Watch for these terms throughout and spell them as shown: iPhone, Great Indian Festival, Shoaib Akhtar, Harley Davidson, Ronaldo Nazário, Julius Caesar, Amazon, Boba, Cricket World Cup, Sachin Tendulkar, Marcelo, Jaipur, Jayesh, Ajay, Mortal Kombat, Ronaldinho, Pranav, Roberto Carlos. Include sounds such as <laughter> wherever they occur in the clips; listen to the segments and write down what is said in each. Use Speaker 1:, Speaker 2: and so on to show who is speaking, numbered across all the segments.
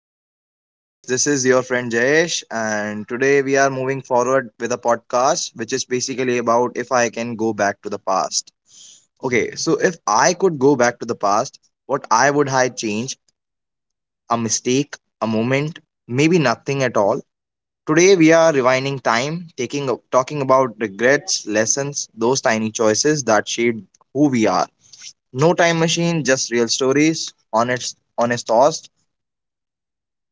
Speaker 1: So, hello guys, this is your friend Jayesh, and today we are moving forward with a podcast which is basically about if I can go back to the past. Okay, so if I could go back to the past, what I would I change? A mistake, a moment, maybe nothing at all. Today we are rewinding time, taking talking about regrets, lessons, those tiny choices that shaped who we are. No time machine, just real stories, honest honest thoughts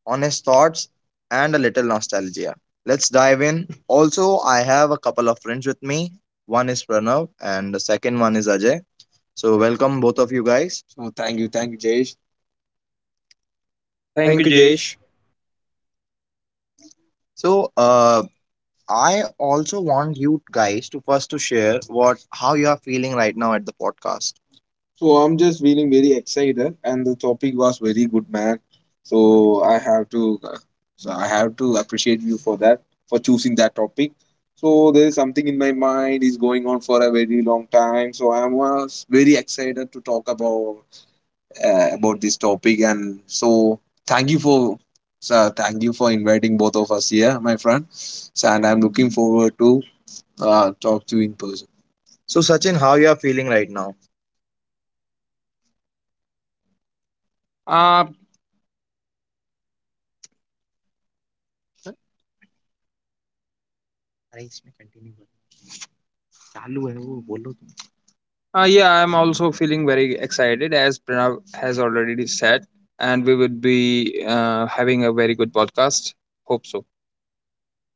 Speaker 1: honest thoughts, and a little nostalgia. Let's dive in. Also, I have a couple of friends with me. One is Pranav, and the second one is Ajay. So, welcome both of you guys. So, Tesh,
Speaker 2: Thank
Speaker 1: thank
Speaker 2: you,
Speaker 1: you.
Speaker 2: Jesh.
Speaker 1: So, I also want you guys to first to share what how you are feeling right now at the podcast. So I'm just feeling very excited, and the topic was very good, man. So I have to, so I have to appreciate you for that, for choosing that topic. So there is something in my mind is going on for a very long time. So I was very excited to talk about this topic, and so thank you sir, thank you for inviting both of us here, my friend. So, and I'm looking forward to talk to you in person. So Sachin, how you are feeling right now? Uh, अरे, इसमें continue करो। चालू है वो, बोलो तुम। Yeah, I'm also feeling very excited as Pranav has already said, and we would be having a very good podcast. Hope so.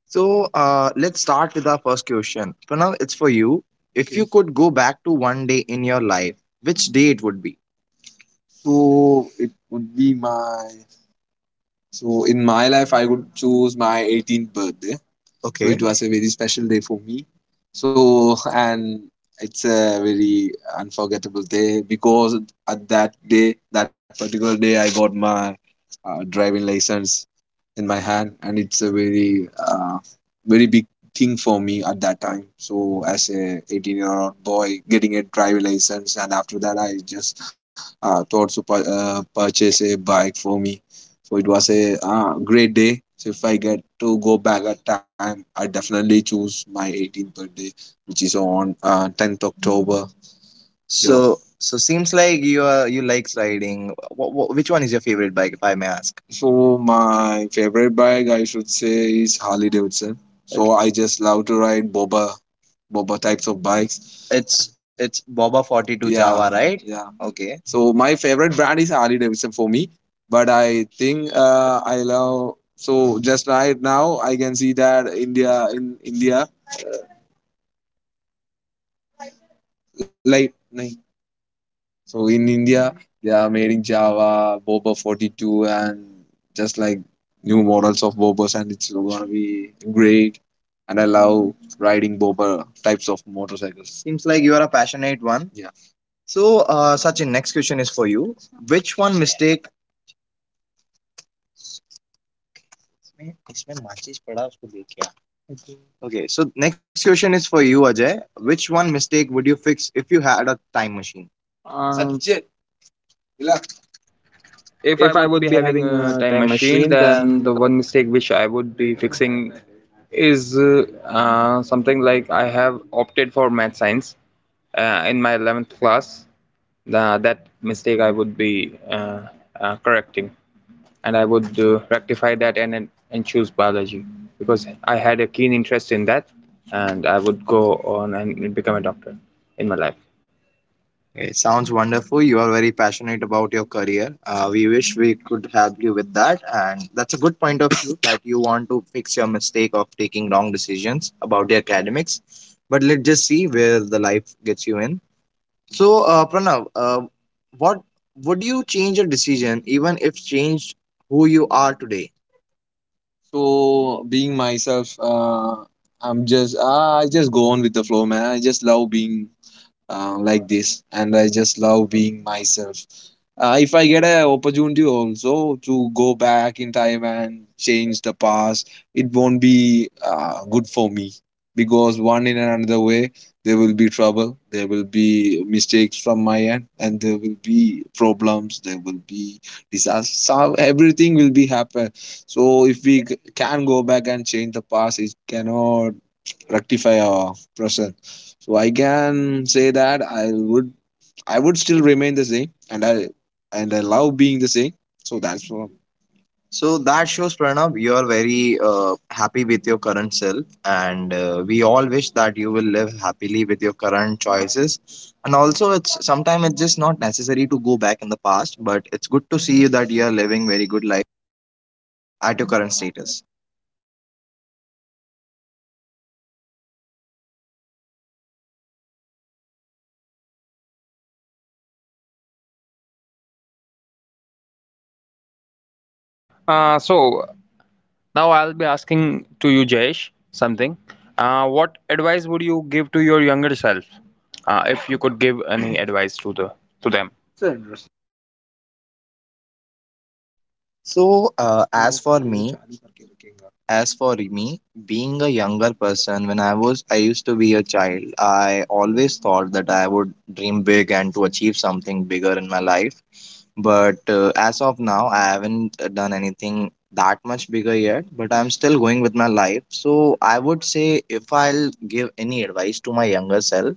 Speaker 1: So let's start with our first question. Pranav, it's for you. If you, okay, could go back to one day in your life, which day it would be? So it would be my in my life, I would choose my 18th birthday. So, okay, it, okay, was a very special day for me. So and it's a very unforgettable day because at that day, that particular day, I got my driving license in my hand, and it's a very very big thing for me at that time, so as a 18-year-old boy getting a driving license, and after that I just thought to purchase a bike for me. So it was a great day. So if I get to go back at time, I definitely choose my 18th birthday, which is on 10th October, yeah. So, yeah, so seems like you likes riding. Which one is your favorite bike, if I may ask? So my favorite bike, I should say, is Harley Davidson. So, okay, I just love to ride boba types of bikes. It's Boba 42. Yeah, Java, right? Yeah. Okay. So my favorite brand is Harley Davidson for me, but I think I love. So just right now, I can see that India in India, like like, so in India, they are made in Java, Boba 42, and just like new models of Bobas, and it's gonna be great. And I love riding Boba types of motorcycles. Seems like you are a passionate one. Yeah. So, Sachin, next question is for you. Which one mistake? इसमें माचिस पड़ा उसको देख क्या? Okay, so next question is for you, Ajay. Which one mistake would you fix if you had a time machine? Sanjay, relax.
Speaker 2: If I
Speaker 1: If I
Speaker 2: would
Speaker 1: would
Speaker 2: be
Speaker 1: be
Speaker 2: having
Speaker 1: having
Speaker 2: a
Speaker 1: a
Speaker 2: time
Speaker 1: time
Speaker 2: machine,
Speaker 1: machine,
Speaker 2: then the
Speaker 1: then
Speaker 2: one mistake which I would be fixing is something like I have opted for math science in my 11th class. That mistake I would be correcting, and I would rectify that, and choose biology because I had a keen interest in that, and I would go on and become a doctor in my life.
Speaker 1: it sounds wonderful. You are very passionate about your career. We wish we could help you with that. And that's a good point of view <coughs> that you want to fix your mistake of taking wrong decisions about the academics. But let's just see where the life gets you in. So, Pranav, what would you change a decision even if changed who you are today? So being myself, I just go on with the flow, man. I just love being like this, and I just love being myself. If I get an opportunity also to go back in time and change the past, it won't be good for me because one in another way there will be trouble, there will be mistakes from my end, and there will be problems, there will be disaster. Everything will be happen. So if we can go back and change the past, it cannot rectify our present. So I can say that I would still remain the same, and I love being the same. So that's what. So that shows, Pranav, you are very happy with your current self, and we all wish that you will live happily with your current choices. And also, it's sometimes it's just not necessary to go back in the past, but it's good to see you that you are living very good life at your current status.
Speaker 2: Uh, so Now I'll be asking to you, Jayesh, something. What advice would you give to your younger self, if you could give any advice to the to them?
Speaker 1: So, as for me, as for me, being a younger person, when I was, I used to be a child, I always thought that I would dream big and to achieve something bigger in my life. But as of now, I haven't done anything that much bigger yet, but I'm still going with my life. So, I would say if I'll give any advice to my younger self,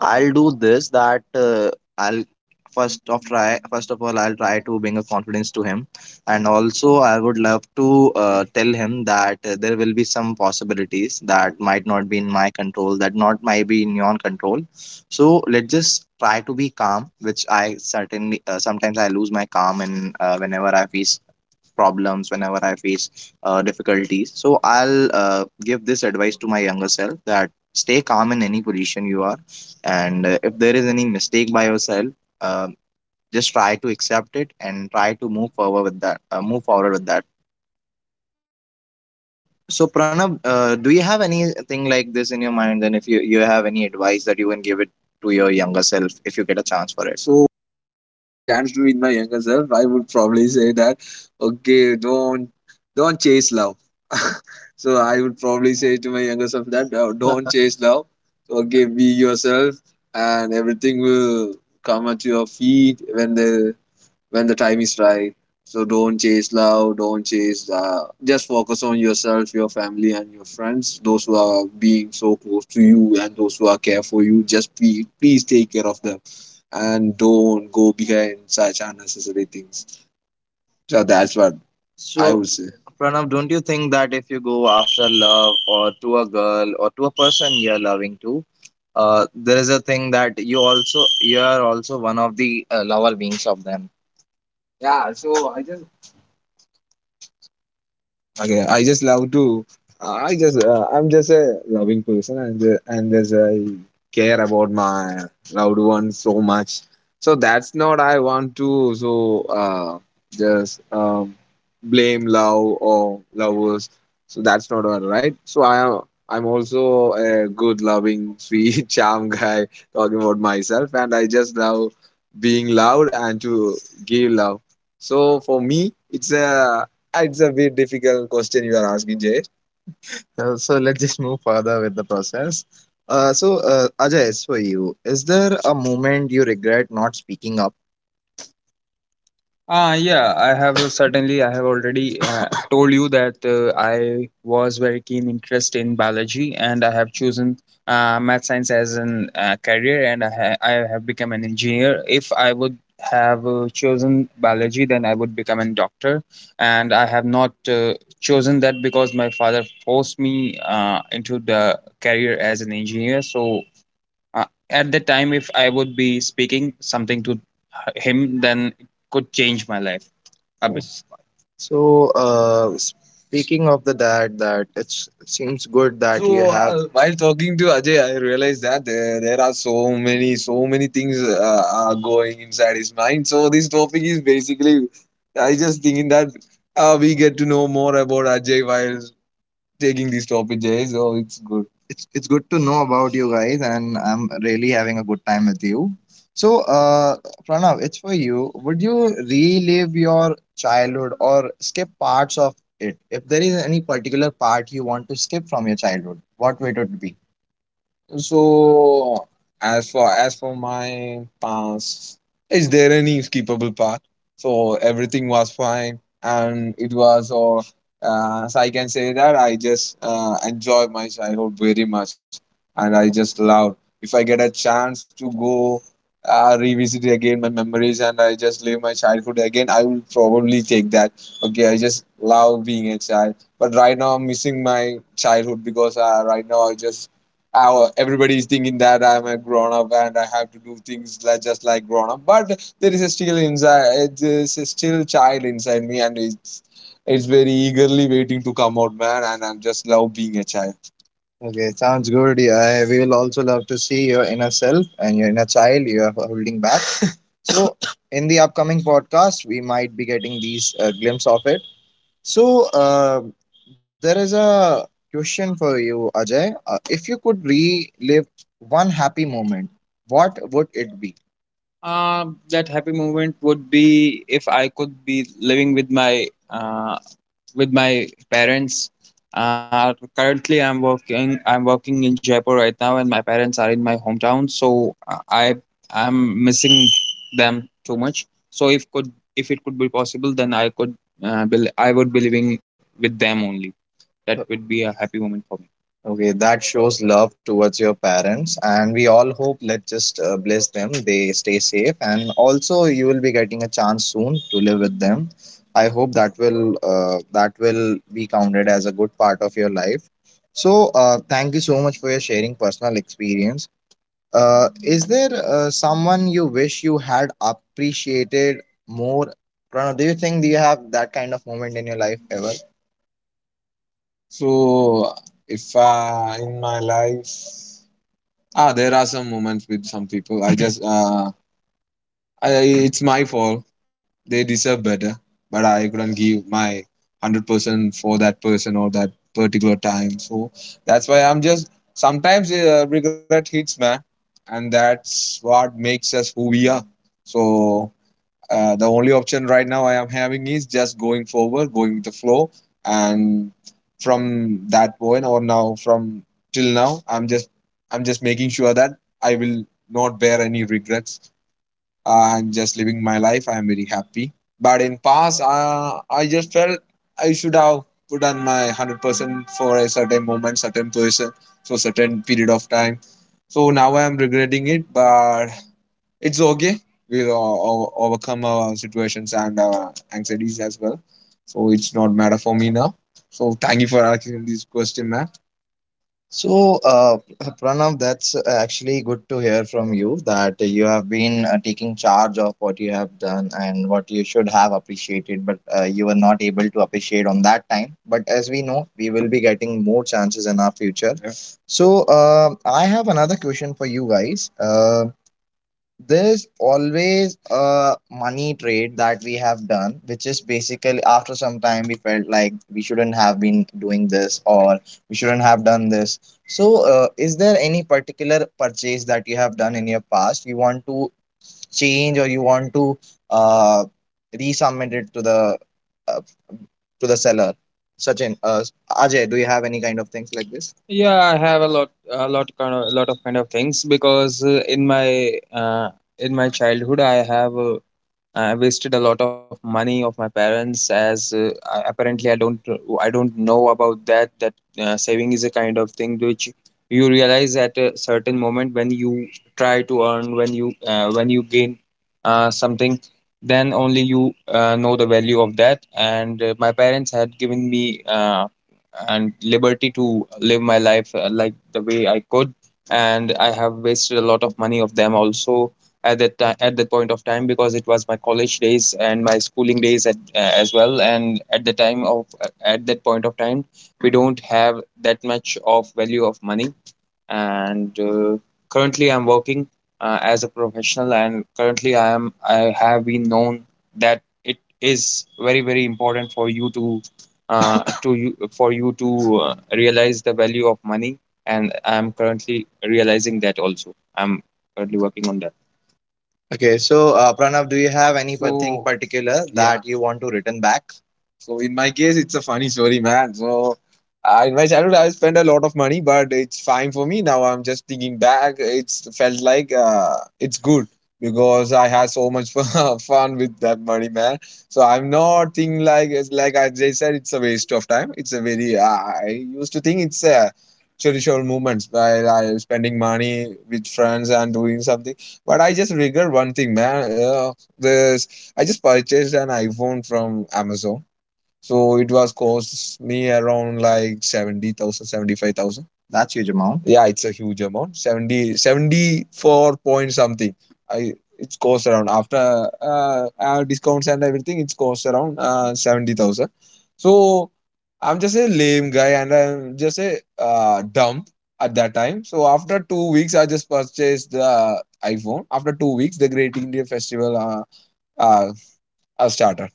Speaker 1: I'll do this that I'll first of try first of all I'll try to bring a confidence to him, and also I would love to tell him that there will be some possibilities that might not be in my control, that not might be in your control. So let's just try to be calm, which I certainly sometimes I lose my calm, and whenever I face problems whenever I face difficulties. So I'll give this advice to my younger self that stay calm in any position you are, and if there is any mistake by yourself, uh, just try to accept it and try to move forward with that. So Pranav, do you have anything like this in your mind, and if you have any advice that you can give it to your younger self if you get a chance for it. Get a chance to meet my younger self, I would probably say that, okay, don't chase love. <laughs> So I would probably say to my younger self that "No, don't chase love. Okay, be yourself, and everything will come at your feet when the time is right. So don't chase love, don't chase, just focus on yourself, your family, and your friends, those who are being so close to you and those who are care for you. Just be, please take care of them and don't go behind such unnecessary things. So that's what I would say. Pranav, don't you think that if you go after love or to a girl or to a person you're loving to, there is a thing that you are also one of the lover beings of them. Yeah, so I just. Okay, I just love to. I'm just a loving person, and as I care about my loved ones so much, so that's not I want to, so just blame love or lovers. So that's not all right. So I'm also a good, loving, sweet, <laughs> charm guy talking about myself, and I just love being loved and to give love. So for me, it's a bit difficult question you are asking, Jay. So let's just move further with the process. So, Ajay, as for you, is there a moment you regret not speaking up? Ah, yeah, I have certainly. I have already told you that I was very keen interest in biology, and I have chosen math science as an career, and I have become an engineer. If I would have chosen biology, then I would become a doctor, and I have not chosen that because my father forced me into the career as an engineer. So uh, at the time, if I would be speaking something to him, then it could change my life. I. So, speaking of the that, that it's, it seems good that you. So have. While talking to Ajay, I realized that there, so many things are going inside his mind. So this topic is basically, I just thinking that we get to know more about Ajay while taking these topic, Jay. So it's good. It's good to know about you guys, and I'm really having a good time with you. So, uh Pranav, it's for you. Would you relive your childhood or skip parts of it? If there is any particular part you want to skip from your childhood, what would it be? So, as for my past, is there any skippable part? So everything was fine, and it was all. So I can say that I just enjoy my childhood very much, and I just love. If I get a chance to go revisit again my memories, and I just live my childhood again, I will probably take that. Okay, I just love being a child, but right now I'm missing my childhood because right now everybody is thinking that I'm a grown up and I have to do things like just like grown up. But there's a still child inside me, and it's very eagerly waiting to come out, man. And I'm just love being a child. Okay, sounds good. Yeah, we will also love to see your inner self and your inner child you are holding back. So, in the upcoming podcast, we might be getting these glimpse of it. So, there is a question for you, Ajay. If you could relive one happy moment, what would it be? That happy moment would be if I could be living with my parents. Currently, I'm working in Jaipur right now, and my parents are in my hometown. So I'm missing them too much. So if it could be possible, then I would be living with them only. That would be a happy moment for me. Okay, that shows love towards your parents, and we all hope let's just bless them. They stay safe, and also you will be getting a chance soon to live with them. I hope that will be counted as a good part of your life. So, thank you so much for your sharing personal experience. Is there someone you wish you had appreciated more? Pranav, do you have that kind of moment in your life ever? So if in my life, there are some moments with some people. I just <laughs> I, it's my fault. They deserve better, but I couldn't give my 100% for that person or that particular time. So that's why I'm just sometimes regret hits, man, and that's what makes us who we are. So the only option right now I am having is just going forward, going with the flow, and from that point or now from till now, I'm just making sure that I will not bear any regrets. I'm just living my life. I'm very happy. But in past, I just felt I should have put on my 100% for a certain moment, certain person, for certain period of time. So now I am regretting it, but it's okay. We'll overcome our situations and our anxieties as well. So it's not matter for me now. So thank you for asking this question, man. So, Pranav, that's actually good to hear from you that you have been taking charge of what you have done and what you should have appreciated, but you were not able to appreciate on that time. But as we know, we will be getting more chances in our future. Yeah. So, I have another question for you guys. There's always a money trade that we have done, which is basically after some time we felt like we shouldn't have been doing this or we shouldn't have done this. So, is there any particular purchase that you have done in your past you want to change or you want to uh, resubmit it uh, to the seller. Sachin, Ajay, do you have any kind of things like this? Yeah, I have a lot, lot of kind of things because in my childhood I wasted a lot of money of my parents as apparently I don't know about that saving is a kind of thing which you realize at a certain moment when you try to earn when you gain something, then only you know the value of that, and my parents had given me and liberty to live my life like the way I could, and I have wasted a lot of money of them also at at that point of time because it was my college days and my schooling days at, as well, and at that point of time we don't have that much of value of money, and currently I'm working as a professional, and currently I have been known that it is very very important for you to <coughs> to you for you to realize the value of money, and I'm currently realizing that, also I'm currently working on that. Okay, so Pranav, do you have any thing, so, particular, yeah, that you want to return back? So in my case, it's a funny story, man. So in my childhood, I spent a lot of money, but it's fine for me. Now I'm just thinking back. It's felt like it's good because I had so much <laughs> fun with that money, man. So I'm not thinking like it's, like I just said, it's a waste of time. It's a very I used to think it's a cherishable moments while I was spending money with friends and doing something. But I just regret one thing, man. This I just purchased an iPhone from Amazon, so it was cost me around like 70,000, 75,000. That's huge amount. Yeah, it's a huge amount. 70 74 point something. I it's cost around after discounts and everything. It's cost around 70,000. So I'm just a lame guy, and I'm just a dumb at that time. So after 2 weeks, I just purchased the iPhone. After 2 weeks, uh, uh started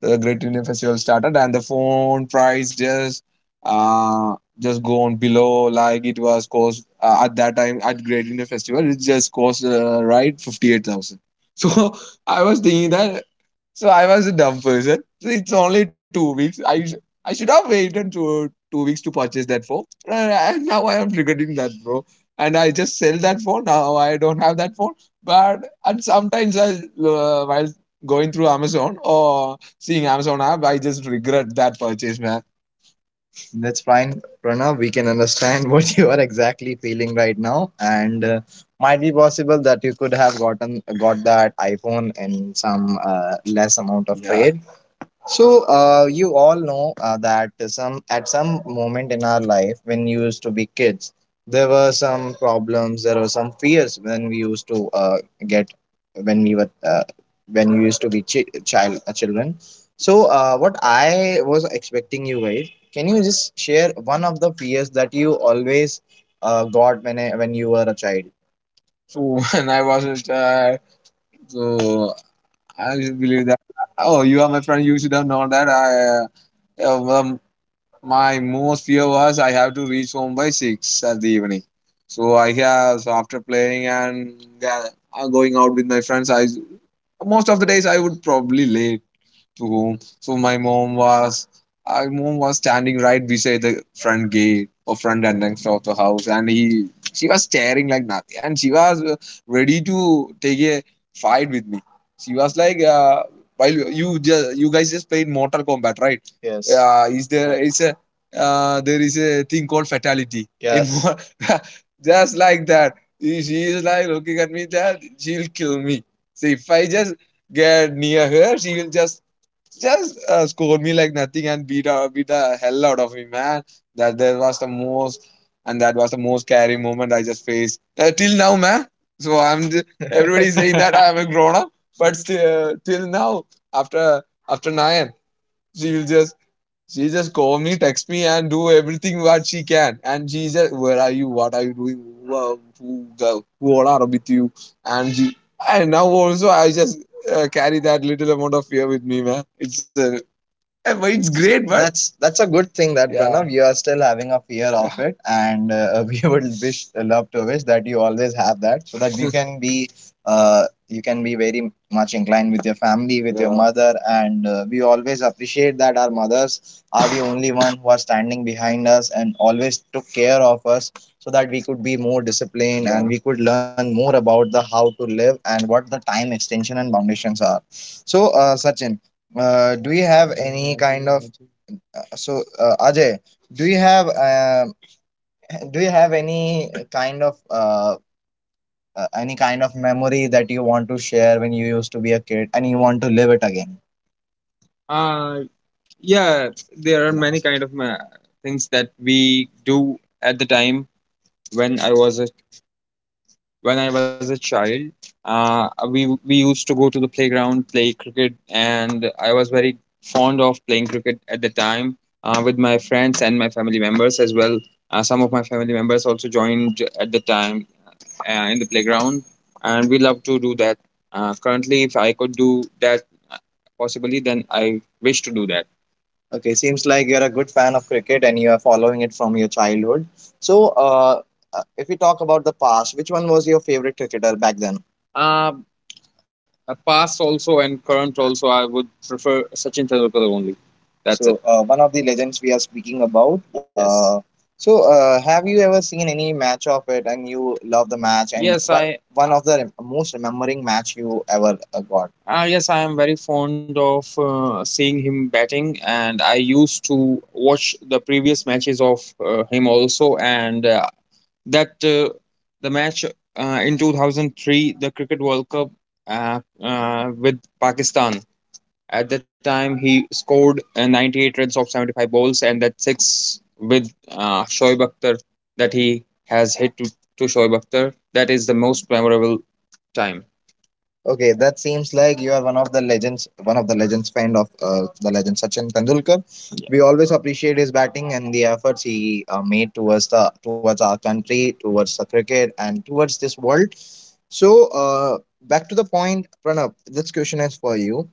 Speaker 1: the Great Indian Festival started, and the phone price just gone below, like it was cost at that time at Great Indian Festival. It just cost right 58,000. <laughs> So I was thinking that, so I was a dumb person. So it's only 2 weeks. I should have waited two weeks to purchase that phone. And now I am regretting that, bro. And I just sell that phone. Now I don't have that phone. But and sometimes I, while going through Amazon or seeing Amazon app, I just regret that purchase, man. That's fine, Pranav. We can understand <laughs> what you are exactly feeling right now, and might be possible that you could have gotten got that iPhone in some less amount of. Yeah, trade, so, you all know that some at some moment in our life when you used to be kids, there were some problems, there were some fears when we used to get when we were when you used to be child, children. So, what I was expecting you guys, can you just share one of the fears that you always got when I, when you were a child? So <laughs> when I was a child, so I just believe that, oh, you are my friend. You should have known that I uh, um, my most fear was I have to reach home by 6 at the evening. So I have, so after playing and going out with my friends, I most of the days I would probably late to home. So my mom was, our mom was standing right beside the front gate or front entrance of the house, and he, she was staring like nothing, and she was ready to take a fight with me. She was like, while you just you guys just played Mortal Kombat, right? Yes. Is there is a thing called fatality in. Yes. <laughs> Just like that. She is like looking at me that she'll kill me. So if I just get near her, she will just scored me like nothing and beat beat the hell out of me, man. That there was the most, and that was the most scary moment I just faced till now, man. So everybody is saying that I'm a <laughs> grown up, but still, till now, after after nine, she will just she just call me, text me, and do everything what she can. And she just, where are you? What are you doing? Who who all are with you? And she, and now also I just carry that little amount of fear with me, man. It's a <laughs> yeah, but it's great, but that's a good thing that. Yeah. Pranav, you are still having a fear of it, and <laughs> we would wish, love to wish that you always have that, so that you <laughs> can be very much inclined with your family, with, yeah, your, yeah, mother, and we always appreciate that our mothers are the only one who are standing behind us and always took care of us, so that we could be more disciplined, yeah, and, yeah, we could learn more about the how to live and what the time extension and foundations are. So, Sachin, do you have any kind of, Ajay? Do you have, do you have any kind of, any kind of memory that you want to share when you used to be a kid and you want to live it again? Uh, yeah, there are many kind of things that we do at the time when I was a child, we used to go to the playground, play cricket, and I was very fond of playing cricket at the time with my friends and my family members as well. Some of my family members also joined at the time in the playground, and we love to do that. Currently, if I could do that uh, possibly, then I wish to do that. Okay, seems like you're a good fan of cricket and you are following it from your childhood. So, if we talk about the past, which one was your favorite cricketer back then? Uh, past also and current also, I would prefer Sachin Tendulkar only. That's it. So, it. One of the legends we are speaking about. Yes. So, have you ever seen any match of it and you love the match, and, yes, what I. one of the most remembering match you ever got? Yes, I am very fond of seeing him batting, and I used to watch the previous matches of him also, and that the match in 2003, the Cricket World Cup, with Pakistan. At the time, he scored 98 runs of 75 balls, and that six with Shoaib Akhtar that he has hit to Shoaib Akhtar. That is the most memorable time. Okay, that seems like you are one of the legends kind of the legend Sachin Tendulkar. Yeah. We always appreciate his batting and the efforts he made towards our country, towards the cricket, and towards this world. So, back to the point, Pranav. This question is for you,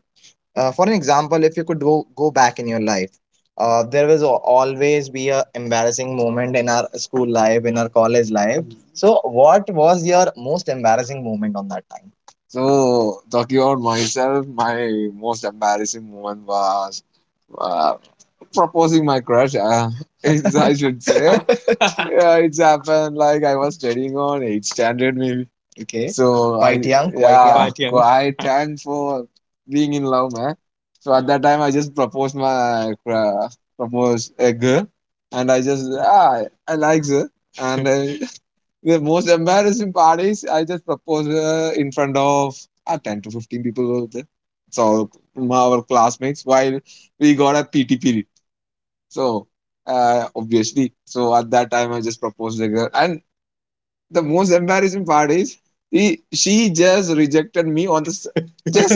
Speaker 1: for an example, if you could go back in your life, there will always be a embarrassing moment in our school life, in our college life. So what was your most embarrassing moment on that time? So talking about myself, my most embarrassing moment was uh, proposing my crush. <laughs> I should say, yeah, it's happened. Like I was studying on eighth standard maybe. Okay. So I, quite young, quite, yeah, young, quite young. Quite young for being in love, man. So at that time, I just proposed a girl, and I like her. And <laughs> the most embarrassing part is I just proposed her in front of 10 to 15 people were there, so our classmates. While we got a PT period, so, obviously, so at that time I just proposed the girl, and the most embarrassing part is she just rejected me just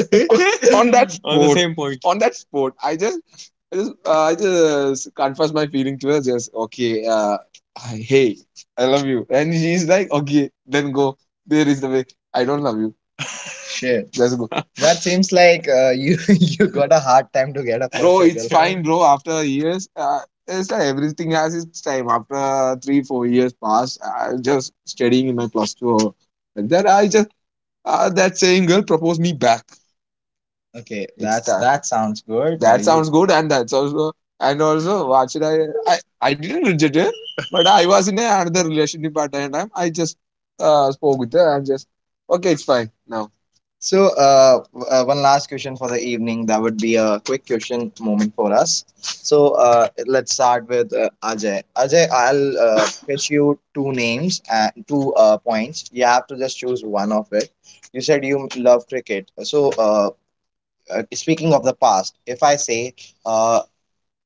Speaker 1: on that <laughs> on the spot. Same point. On that spot, I just confessed my feeling to her. Just okay, hey, I love you, and she's like, okay, then go. There is the way. I don't love you shit. That's good. <laughs> That seems like you <laughs> you got a hard time to get a, bro, perfect, it's girlfriend. Fine, bro. After years, it's like everything has its time. After 3, 4 years passed, I was just studying in my plus two. Or like that, I just that same girl proposed me back. Okay, it's, that's that. That sounds good. That sounds good, and that's also, what should I? I I didn't reject her, <laughs> but I was in another relationship at that time. I just spoke with her and just okay, it's fine now. So, one last question for the evening. That would be a quick question moment for us. So, let's start with Ajay. Ajay, I'll pitch you two names and two points. You have to just choose one of it. You said you love cricket. So, speaking of the past, if I say, uh,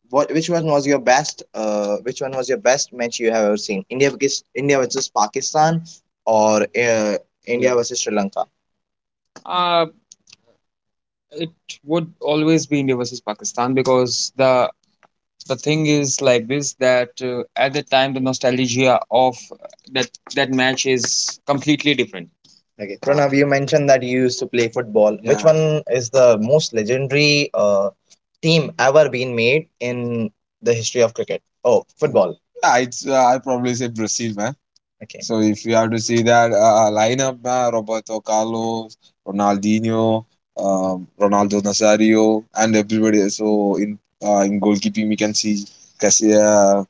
Speaker 1: what which one was your best? Which one was your best match you have ever seen? India versus Pakistan, or India versus Sri Lanka? It would always be India versus Pakistan because the thing is like this that at the time the nostalgia of that that match is completely different. Okay, Pranav, you mentioned that you used to play football. Yeah. Which, yeah, one is the most legendary team ever been made in the history of cricket? Oh, football. Yeah, it's I probably say Brazil, man. Okay. So if you have to see that lineup, man, Roberto Carlos, Ronaldinho, Ronaldo Nazario, and everybody. So in goalkeeping, we can see Cassi- uh,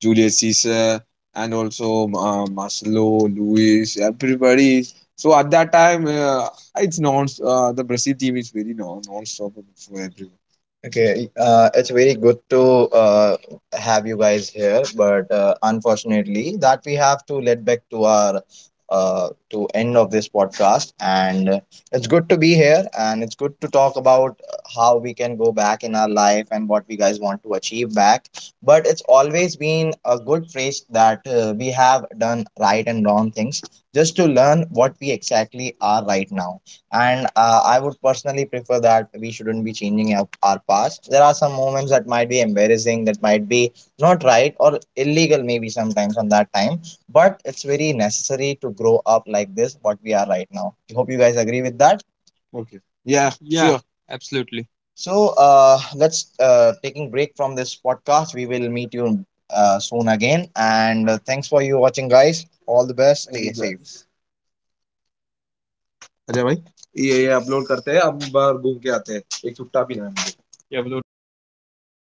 Speaker 1: Julius Caesar and also Marcelo, Luis, everybody. So at that time, it's non. The Brazil team is very non-stoppable for everyone. Okay, it's very good to uh, have you guys here, but unfortunately, that we have to let back to end of this podcast. And it's good to be here, and it's good to talk about how we can go back in our life and what we guys want to achieve back. But it's always been a good phrase that we have done right and wrong things just to learn what we exactly are right now. And I would personally prefer that we shouldn't be changing up our past. There are some moments that might be embarrassing, that might be not right or illegal, maybe sometimes on that time. But it's very necessary to grow up like this, what we are right now. I hope you guys agree with that. Okay. Yeah, yeah, sure, absolutely. So let's taking break from this podcast. We will meet you soon again. And thanks for you watching, guys. All the best. Stay safe. Ajay भाई ये ये upload करते हैं अब बाहर घूम के आते हैं एक चुट्टा पीना है मुझे ये अपलोड करते हैं बाहर घूम के आते हैं।